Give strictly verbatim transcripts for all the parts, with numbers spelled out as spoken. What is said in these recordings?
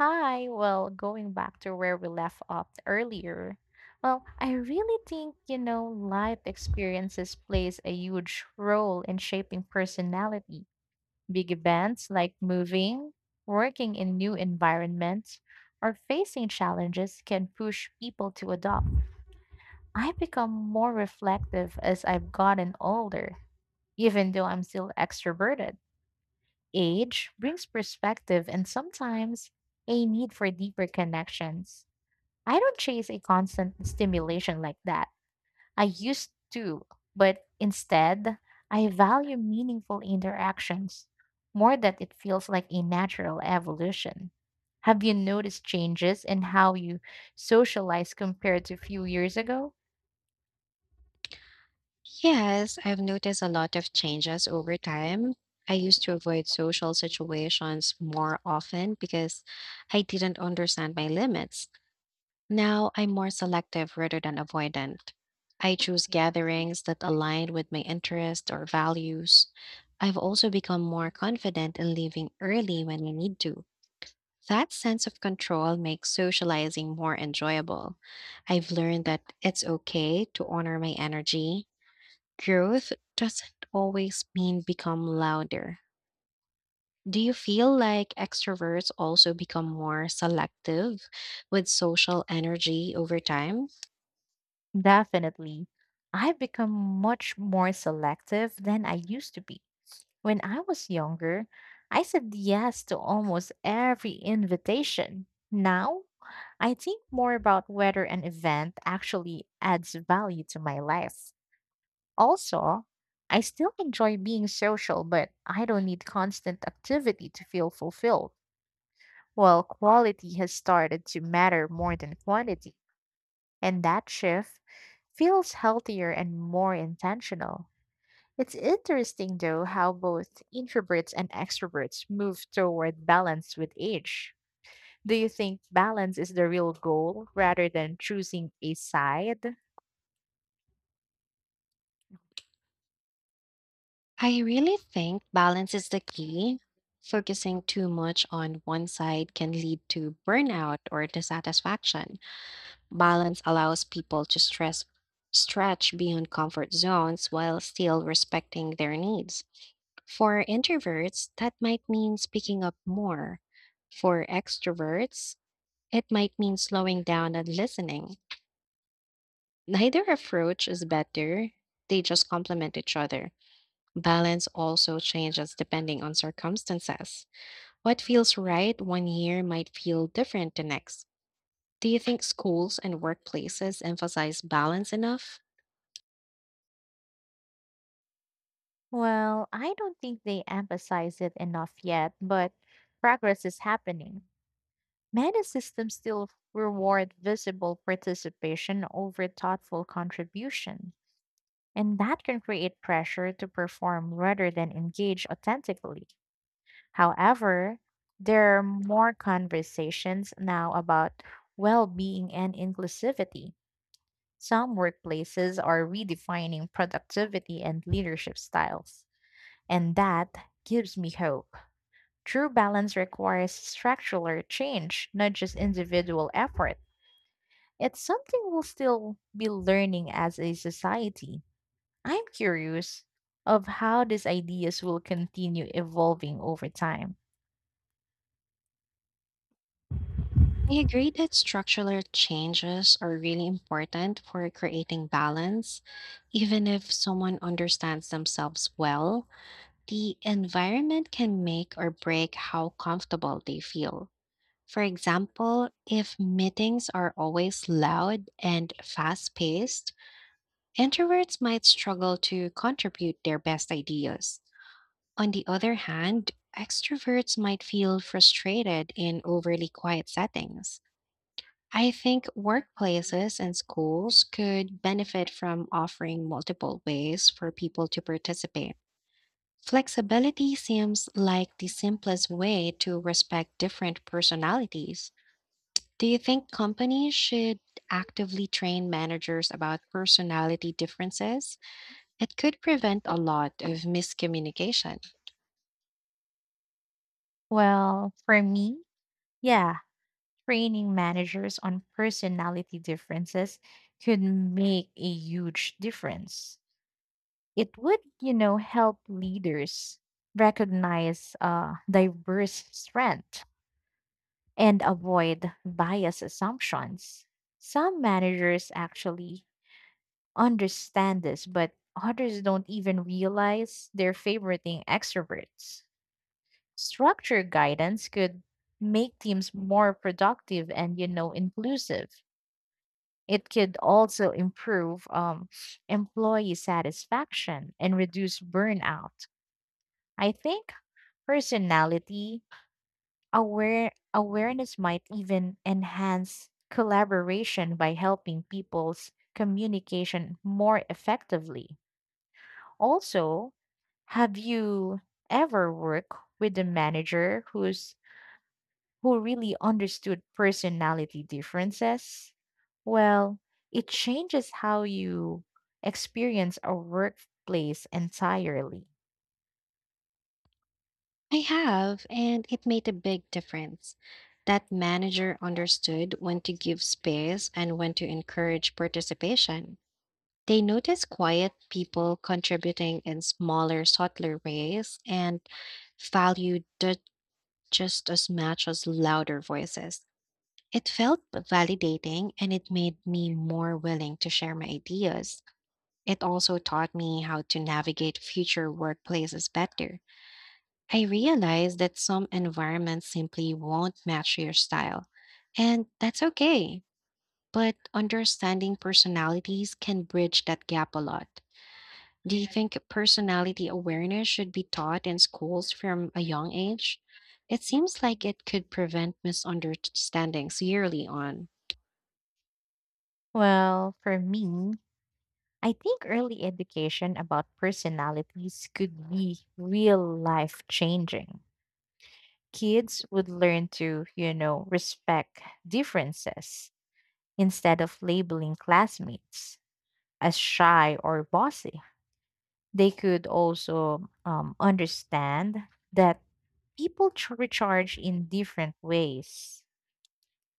Hi, well, going back to where we left off earlier, well, I really think, you know, life experiences plays a huge role in shaping personality. Big events like moving, working in new environments, or facing challenges can push people to adopt. I've become more reflective as I've gotten older, even though I'm still extroverted. Age brings perspective and sometimes a need for deeper connections. I don't chase a constant stimulation like that. I used to, but instead, I value meaningful interactions more that it feels like a natural evolution. Have you noticed changes in how you socialize compared to a few years ago? Yes, I've noticed a lot of changes over time. I used to avoid social situations more often because I didn't understand my limits. Now I'm more selective rather than avoidant. I choose gatherings that align with my interests or values. I've also become more confident in leaving early when I need to. That sense of control makes socializing more enjoyable. I've learned that it's okay to honor my energy. Growth doesn't always mean become louder. Do you feel like extroverts also become more selective with social energy over time? Definitely. I've become much more selective than I used to be. When I was younger, I said yes to almost every invitation. Now, I think more about whether an event actually adds value to my life. Also, I still enjoy being social, but I don't need constant activity to feel fulfilled. Well, quality has started to matter more than quantity, and that shift feels healthier and more intentional. It's interesting, though, how both introverts and extroverts move toward balance with age. Do you think balance is the real goal rather than choosing a side? I really think balance is the key. Focusing too much on one side can lead to burnout or dissatisfaction. Balance allows people to stress stretch beyond comfort zones while still respecting their needs. For introverts, that might mean speaking up more. For extroverts, it might mean slowing down and listening. Neither approach is better, they just complement each other. Balance also changes depending on circumstances. What feels right one year might feel different the next. Do you think schools and workplaces emphasize balance enough? Well, I don't think they emphasize it enough yet, but progress is happening. Many systems still reward visible participation over thoughtful contribution, and that can create pressure to perform rather than engage authentically. However, there are more conversations now about well being and inclusivity. Some workplaces are redefining productivity and leadership styles, and that gives me hope. True balance requires structural change, not just individual effort. It's something we'll still be learning as a society. I'm curious of how these ideas will continue evolving over time. I agree that structural changes are really important for creating balance. Even if someone understands themselves well, the environment can make or break how comfortable they feel. For example, if meetings are always loud and fast paced, introverts might struggle to contribute their best ideas. On the other hand, extroverts might feel frustrated in overly quiet settings. I think workplaces and schools could benefit from offering multiple ways for people to participate. Flexibility seems like the simplest way to respect different personalities. Do you think companies should actively train managers about personality differences? It could prevent a lot of miscommunication. Well, for me, yeah, training managers on personality differences could make a huge difference. It would, you know, help leaders recognize uh, diverse strength and avoid bias assumptions. Some managers actually understand this, but others don't even realize they're favoriting extroverts. Structure guidance could make teams more productive and, you know, inclusive. It could also improve um, employee satisfaction and reduce burnout. I think personality aware awareness might even enhance collaboration by helping people's communication more effectively. Also, have you ever worked with a manager whose who really understood personality differences? Well, it changes how you experience a workplace entirely. I have, and it made a big difference. That manager understood when to give space and when to encourage participation. They noticed quiet people contributing in smaller, subtler ways and valued it just as much as louder voices. It felt validating and it made me more willing to share my ideas. It also taught me how to navigate future workplaces better. I realize that some environments simply won't match your style, and that's okay. But understanding personalities can bridge that gap a lot. Do you think personality awareness should be taught in schools from a young age? It seems like it could prevent misunderstandings yearly on. Well, for me, I think early education about personalities could be real life changing. Kids would learn to, you know, respect differences instead of labeling classmates as shy or bossy. They could also um, understand that people ch- recharge in different ways.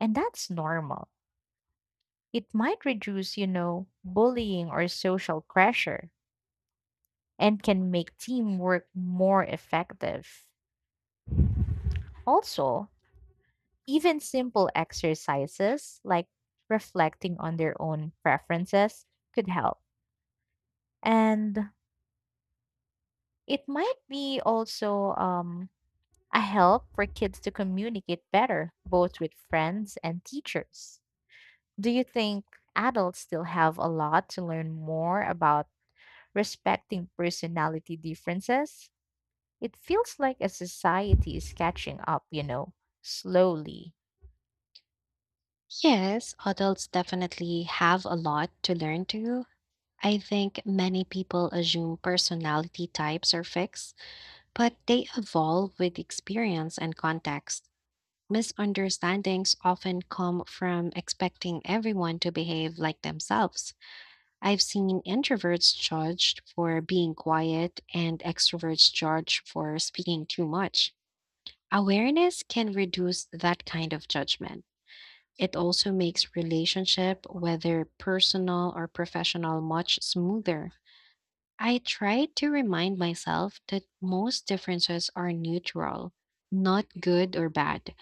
And that's normal. It might reduce, you know, bullying or social pressure and can make teamwork more effective. Also, even simple exercises like reflecting on their own preferences could help. And it might be also um, a help for kids to communicate better, both with friends and teachers. Do you think adults still have a lot to learn more about respecting personality differences? It feels like a society is catching up, you know, slowly. Yes, adults definitely have a lot to learn too. I think many people assume personality types are fixed, but they evolve with experience and context. Misunderstandings often come from expecting everyone to behave like themselves. I've seen introverts judged for being quiet and extroverts judged for speaking too much. Awareness can reduce that kind of judgment. It also makes relationship, whether personal or professional, much smoother. I try to remind myself that most differences are neutral, not good or bad.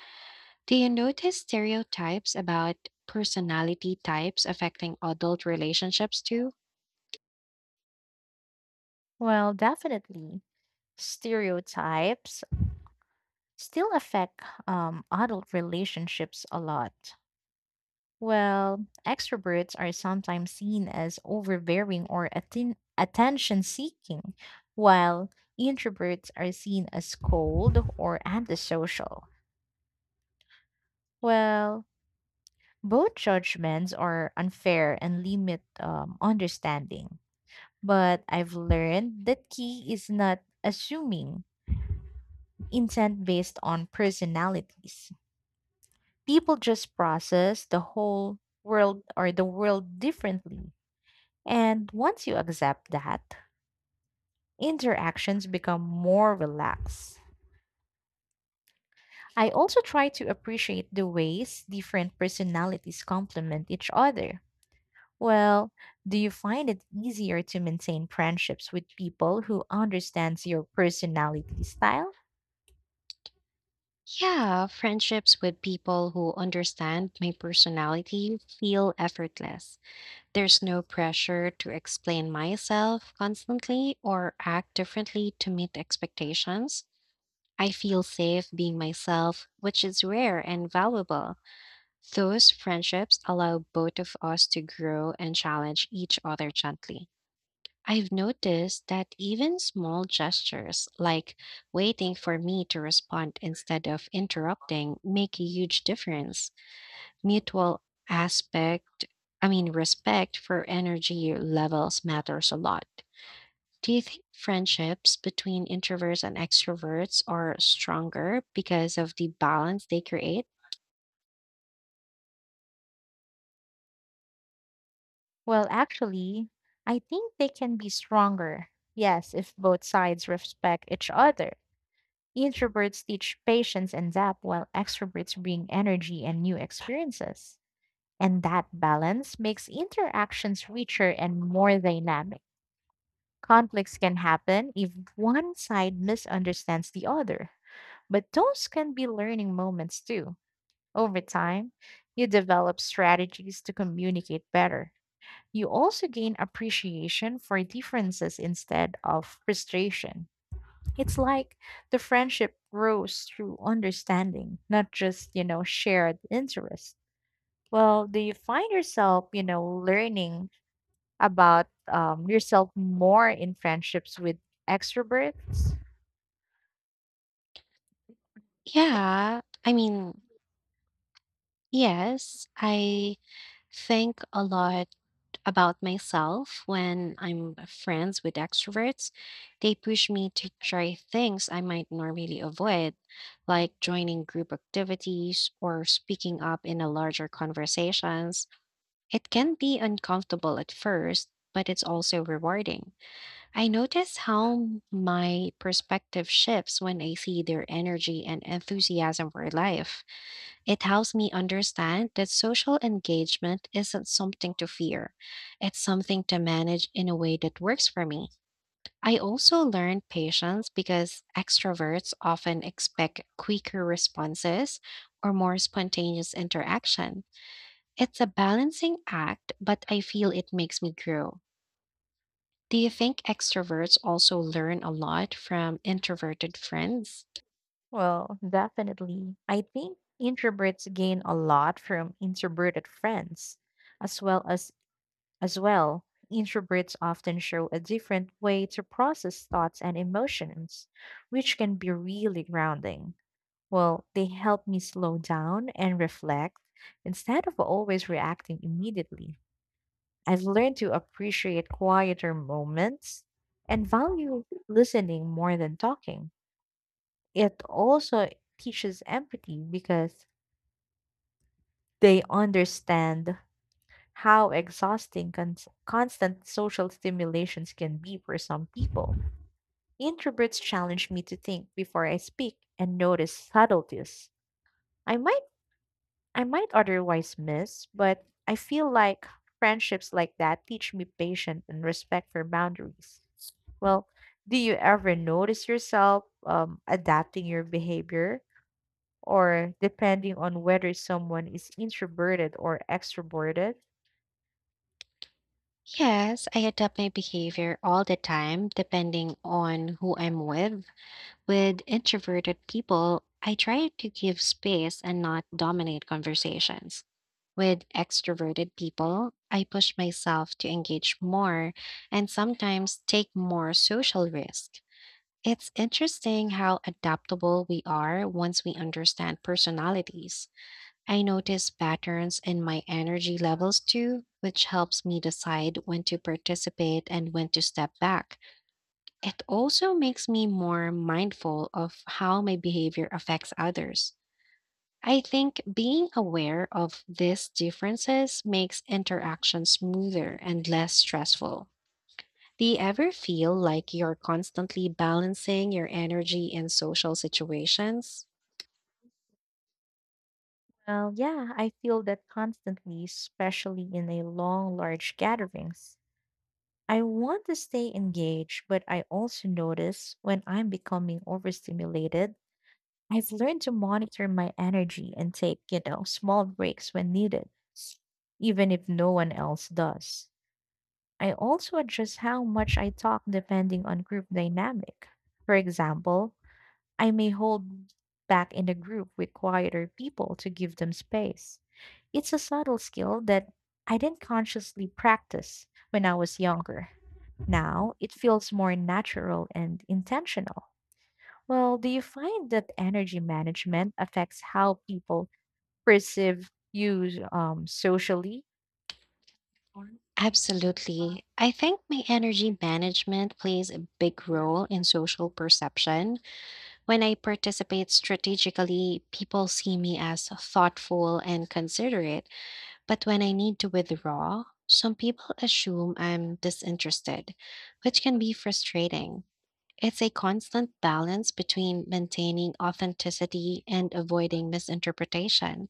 Do you notice stereotypes about personality types affecting adult relationships too? Well, definitely. Stereotypes still affect um, adult relationships a lot. Well, extroverts are sometimes seen as overbearing or atten- attention seeking, while introverts are seen as cold or antisocial. Well, both judgments are unfair and limit um, understanding. But I've learned that key is not assuming intent based on personalities. People just process the whole world or the world differently. And once you accept that, interactions become more relaxed. I also try to appreciate the ways different personalities complement each other. Well, do you find it easier to maintain friendships with people who understands your personality style? Yeah, friendships with people who understand my personality feel effortless. There's no pressure to explain myself constantly or act differently to meet expectations. I feel safe being myself, which is rare and valuable. Those friendships allow both of us to grow and challenge each other gently. I've noticed that even small gestures, like waiting for me to respond instead of interrupting, make a huge difference. Mutual aspect, I mean, respect for energy levels matters a lot. Do you think friendships between introverts and extroverts are stronger because of the balance they create? Well, actually, I think they can be stronger. Yes, if both sides respect each other. Introverts teach patience and depth while extroverts bring energy and new experiences. And that balance makes interactions richer and more dynamic. Conflicts can happen if one side misunderstands the other, but those can be learning moments too. Over time, you develop strategies to communicate better. You also gain appreciation for differences instead of frustration. It's like the friendship grows through understanding, not just, you know, shared interest. Well, do you find yourself, you know, learning about um, yourself more in friendships with extroverts? Yeah, I mean, Yes, I think a lot about myself when I'm friends with extroverts. They push me to try things I might normally avoid, like joining group activities or speaking up in a larger conversations. It can be uncomfortable at first, but it's also rewarding. I notice how my perspective shifts when I see their energy and enthusiasm for life. It helps me understand that social engagement isn't something to fear. It's something to manage in a way that works for me. I also learned patience because extroverts often expect quicker responses or more spontaneous interaction. It's a balancing act, but I feel it makes me grow. Do you think extroverts also learn a lot from introverted friends? Well, definitely. I think introverts gain a lot from introverted friends, as well as as well. Introverts often show a different way to process thoughts and emotions, which can be really grounding. Well, they help me slow down and reflect instead of always reacting immediately. I've learned to appreciate quieter moments and value listening more than talking. It also teaches empathy because they understand how exhausting cons- constant social stimulations can be for some people. Introverts challenge me to think before I speak and notice subtleties I might I might otherwise miss, but I feel like friendships like that teach me patience and respect for boundaries. Well, do you ever notice yourself um, adapting your behavior or depending on whether someone is introverted or extroverted? Yes, I adapt my behavior all the time depending on who I'm with. With introverted people, I try to give space and not dominate conversations. With extroverted people, I push myself to engage more and sometimes take more social risk. It's interesting how adaptable we are once we understand personalities. I notice patterns in my energy levels too, which helps me decide when to participate and when to step back. It also makes me more mindful of how my behavior affects others. I think being aware of these differences makes interaction smoother and less stressful. Do you ever feel like you're constantly balancing your energy in social situations? Well, yeah, I feel that constantly, especially in a long, large gatherings. I want to stay engaged, but I also notice when I'm becoming overstimulated. I've learned to monitor my energy and take, you know, small breaks when needed, even if no one else does. I also adjust how much I talk depending on group dynamic. For example, I may hold back in a group with quieter people to give them space. It's a subtle skill that I didn't consciously practice when I was younger. Now it feels more natural and intentional. Well, do you find that energy management affects how people perceive you um, socially? Absolutely. I think my energy management plays a big role in social perception. When I participate strategically, people see me as thoughtful and considerate. But when I need to withdraw, some people assume I'm disinterested, which can be frustrating. It's a constant balance between maintaining authenticity and avoiding misinterpretation.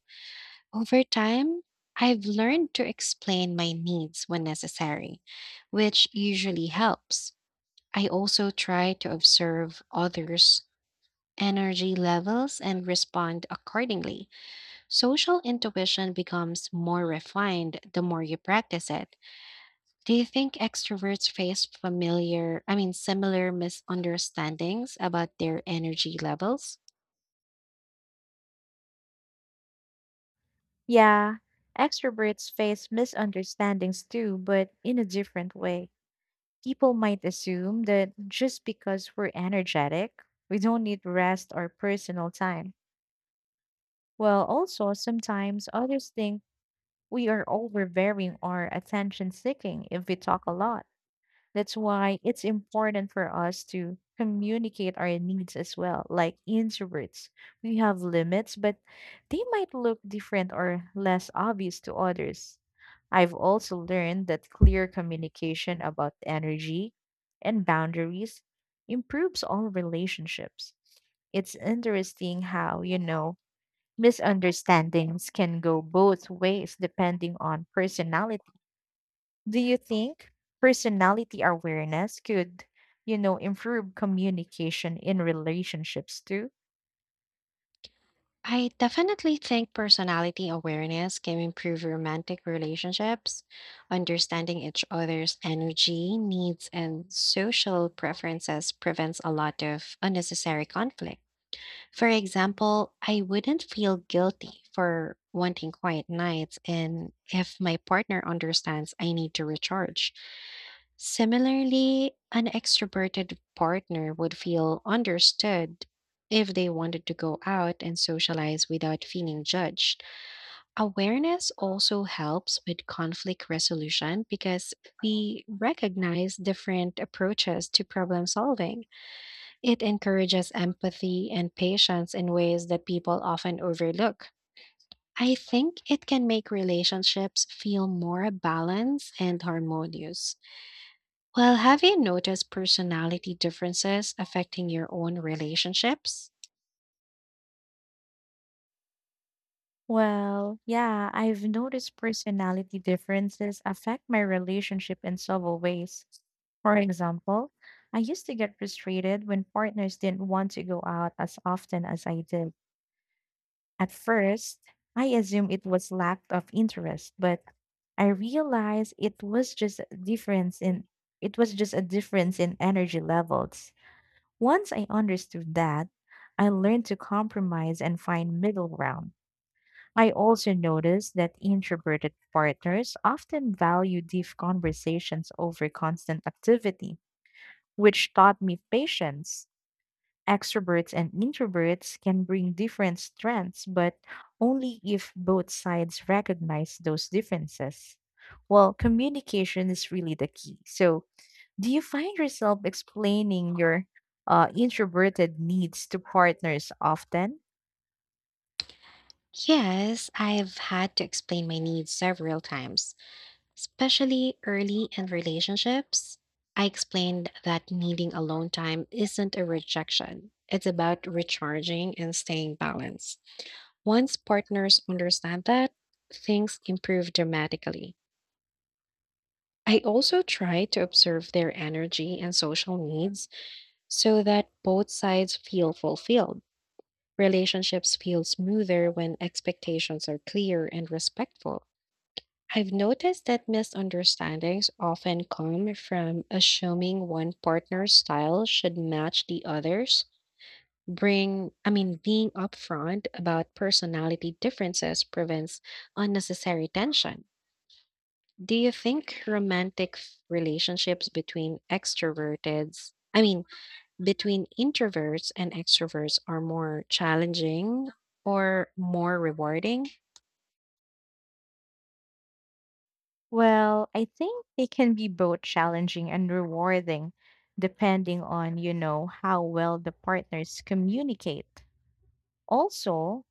Over time, I've learned to explain my needs when necessary, which usually helps. I also try to observe others' energy levels and respond accordingly. Social intuition becomes more refined the more you practice it. Do you think extroverts face familiar, I mean, similar misunderstandings about their energy levels? Yeah, extroverts face misunderstandings too, but in a different way. People might assume that just because we're energetic, we don't need rest or personal time. Well, also, sometimes others think we are overbearing or attention seeking if we talk a lot. That's why it's important for us to communicate our needs as well. Like introverts, we have limits, but they might look different or less obvious to others. I've also learned that clear communication about energy and boundaries improves all relationships. It's interesting how, you know, misunderstandings can go both ways depending on personality. Do you think personality awareness could, you know, improve communication in relationships too? I definitely think personality awareness can improve romantic relationships. Understanding each other's energy, needs, and social preferences prevents a lot of unnecessary conflict. For example, I wouldn't feel guilty for wanting quiet nights and if my partner understands I need to recharge. Similarly, an extroverted partner would feel understood if they wanted to go out and socialize without feeling judged. Awareness also helps with conflict resolution because we recognize different approaches to problem solving. It encourages empathy and patience in ways that people often overlook. I think it can make relationships feel more balanced and harmonious. Well, have you noticed personality differences affecting your own relationships? Well, yeah, I've noticed personality differences affect my relationship in several ways. For example, I used to get frustrated when partners didn't want to go out as often as I did. At first, I assumed it was lack of interest, but I realized it was just a difference in it was just a difference in energy levels. Once I understood that, I learned to compromise and find middle ground. I also noticed that introverted partners often value deep conversations over constant activity, which taught me patience. Extroverts and introverts can bring different strengths, but only if both sides recognize those differences. Well, communication is really the key. So, do you find yourself explaining your uh, introverted needs to partners often? Yes, I've had to explain my needs several times, especially early in relationships. I explained that needing alone time isn't a rejection, it's about recharging and staying balanced. Once partners understand that, things improve dramatically. I also try to observe their energy and social needs so that both sides feel fulfilled. Relationships feel smoother when expectations are clear and respectful. I've noticed that misunderstandings often come from assuming one partner's style should match the other's. Bring i mean being upfront about personality differences prevents unnecessary tension. Do you think romantic f- relationships between extroverts I mean between introverts and extroverts are more challenging or more rewarding? Well, I think it can be both challenging and rewarding depending on, you know, how well the partners communicate. Also,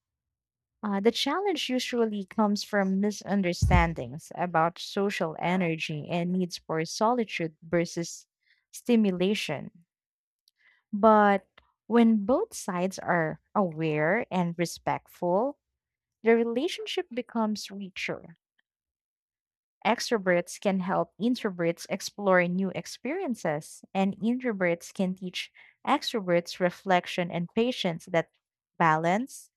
uh, the challenge usually comes from misunderstandings about social energy and needs for solitude versus stimulation. But when both sides are aware and respectful, the relationship becomes richer. Extroverts can help introverts explore new experiences, and introverts can teach extroverts reflection and patience that balance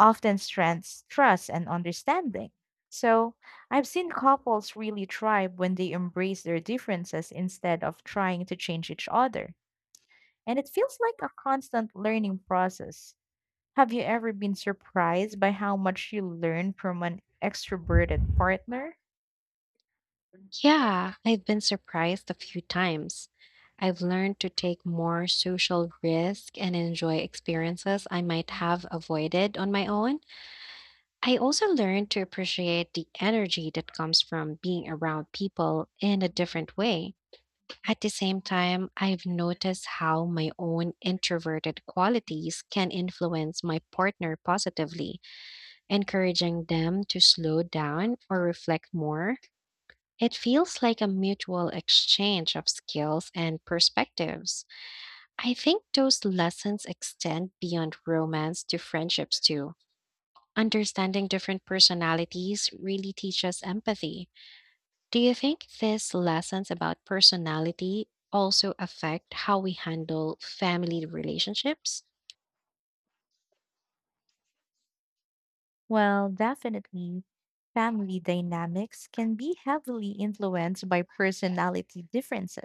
often strengthens trust and understanding. So, I've seen couples really thrive when they embrace their differences instead of trying to change each other. And it feels like a constant learning process. Have you ever been surprised by how much you learn from an extroverted partner? Yeah, I've been surprised a few times. I've learned to take more social risk and enjoy experiences I might have avoided on my own. I also learned to appreciate the energy that comes from being around people in a different way. At the same time, I've noticed how my own introverted qualities can influence my partner positively, encouraging them to slow down or reflect more. It feels like a mutual exchange of skills and perspectives. I think those lessons extend beyond romance to friendships too. Understanding different personalities really teaches empathy. Do you think these lessons about personality also affect how we handle family relationships? Well, definitely. Family dynamics can be heavily influenced by personality differences.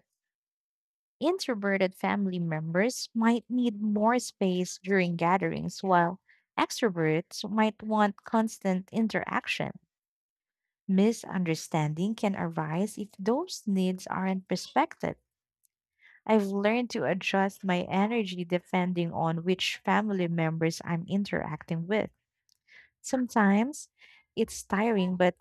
Introverted family members might need more space during gatherings, while extroverts might want constant interaction. Misunderstanding can arise if those needs aren't respected. I've learned to adjust my energy depending on which family members I'm interacting with. Sometimes it's tiring, but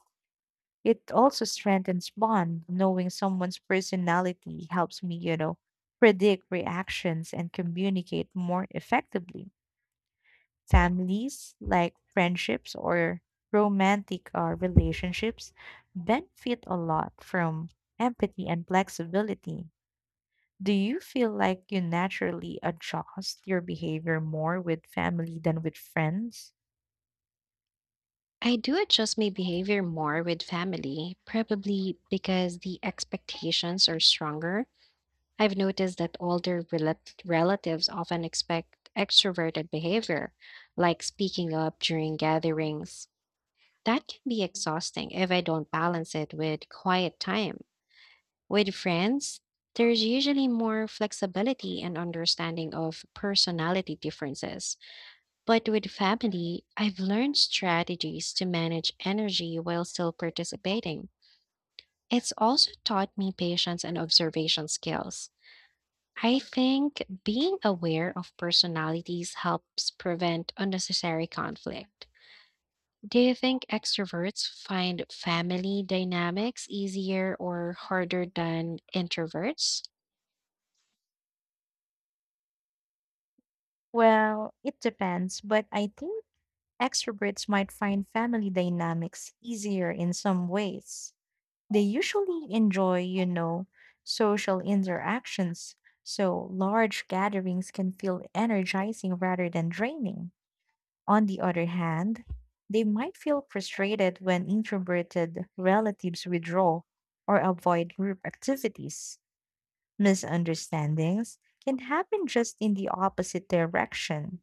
it also strengthens bond. Knowing someone's personality helps me, you know, predict reactions and communicate more effectively. Families, like friendships or romantic or relationships, benefit a lot from empathy and flexibility. Do you feel like you naturally adjust your behavior more with family than with friends? I do adjust my behavior more with family, probably because the expectations are stronger. I've noticed that older rela- relatives often expect extroverted behavior, like speaking up during gatherings. That can be exhausting if I don't balance it with quiet time. With friends, there's usually more flexibility and understanding of personality differences. But with family, I've learned strategies to manage energy while still participating. It's also taught me patience and observation skills. I think being aware of personalities helps prevent unnecessary conflict. Do you think extroverts find family dynamics easier or harder than introverts? Well, it depends, but I think extroverts might find family dynamics easier in some ways. They usually enjoy, you know, social interactions, so large gatherings can feel energizing rather than draining. On the other hand, they might feel frustrated when introverted relatives withdraw or avoid group activities. Misunderstandings can happen just in the opposite direction,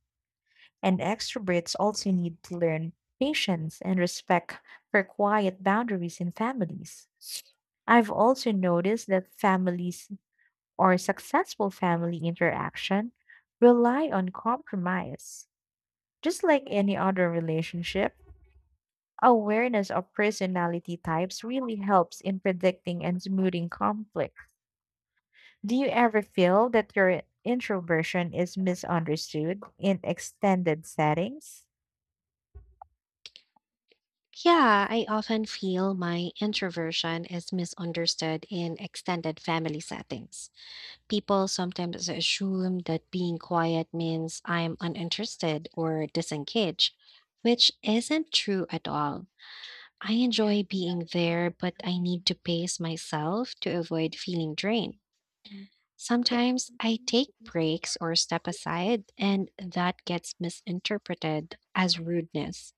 and extroverts also need to learn patience and respect for quiet boundaries in families. I've also noticed that families or successful family interaction rely on compromise. Just like any other relationship, awareness of personality types really helps in predicting and smoothing conflict. Do you ever feel that your introversion is misunderstood in extended settings? Yeah, I often feel my introversion is misunderstood in extended family settings. People sometimes assume that being quiet means I'm uninterested or disengaged, which isn't true at all. I enjoy being there, but I need to pace myself to avoid feeling drained. Sometimes I take breaks or step aside, and that gets misinterpreted as rudeness.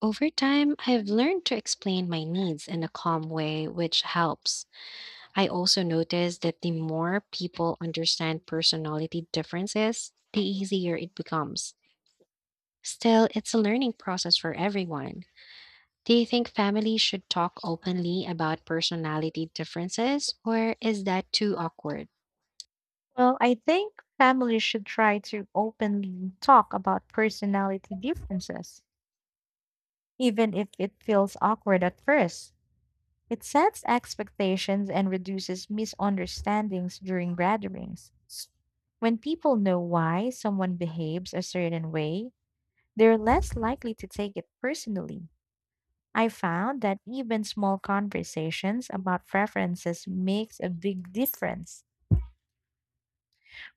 Over time, I've learned to explain my needs in a calm way, which helps. I also noticed that the more people understand personality differences, the easier it becomes. Still, it's a learning process for everyone. Do you think families should talk openly about personality differences, or is that too awkward? Well, I think families should try to openly talk about personality differences, even if it feels awkward at first. It sets expectations and reduces misunderstandings during gatherings. When people know why someone behaves a certain way, they're less likely to take it personally. I found that even small conversations about preferences makes a big difference.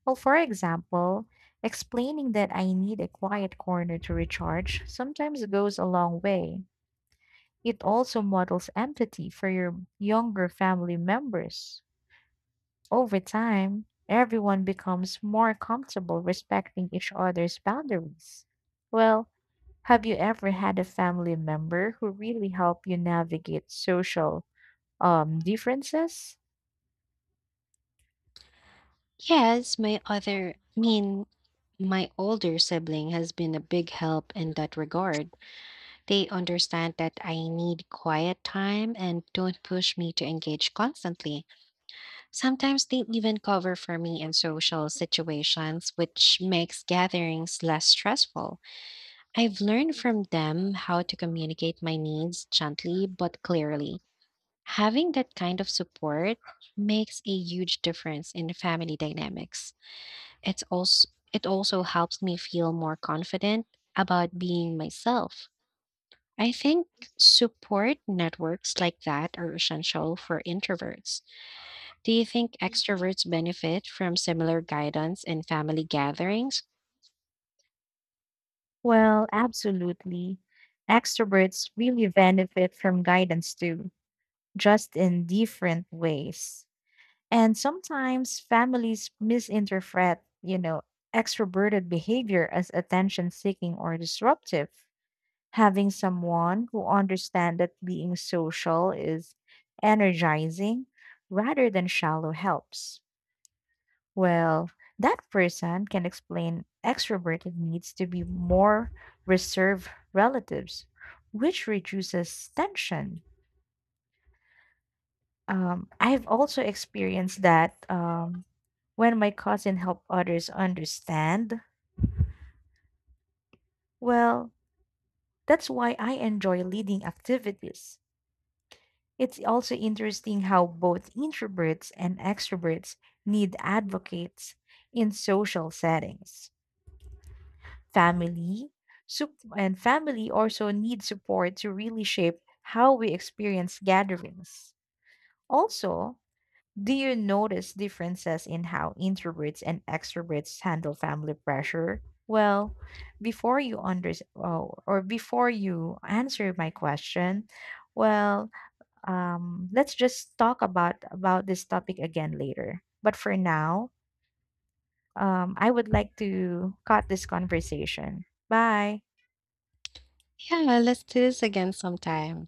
Well, for example, explaining that I need a quiet corner to recharge sometimes goes a long way. It also models empathy for your younger family members. Over time, everyone becomes more comfortable respecting each other's boundaries. Well, have you ever had a family member who really helped you navigate social um, differences? Yes, my other, I mean, my older sibling has been a big help in that regard. They understand that I need quiet time and don't push me to engage constantly. Sometimes they even cover for me in social situations, which makes gatherings less stressful. I've learned from them how to communicate my needs gently but clearly. Having that kind of support makes a huge difference in family dynamics. It's also it also helps me feel more confident about being myself. I think support networks like that are essential for introverts. Do you think extroverts benefit from similar guidance in family gatherings? Well, absolutely. Extroverts really benefit from guidance too, just in different ways. And sometimes families misinterpret, you know, extroverted behavior as attention seeking or disruptive. Having someone who understands that being social is energizing rather than shallow helps. Well, that person can explain extroverted needs to be more reserved relatives, which reduces tension. Um, I've also experienced that um, when my cousin helped others understand. Well, that's why I enjoy leading activities. It's also interesting how both introverts and extroverts need advocates in social settings. family sup- and family also need support to really shape how we experience gatherings. Also, do you notice differences in how introverts and extroverts handle family pressure? Well, before you under oh, or before you answer my question, well, um, let's just talk about about this topic again later, but for now, um, I would like to cut this conversation. Bye. Yeah, let's do this again sometime.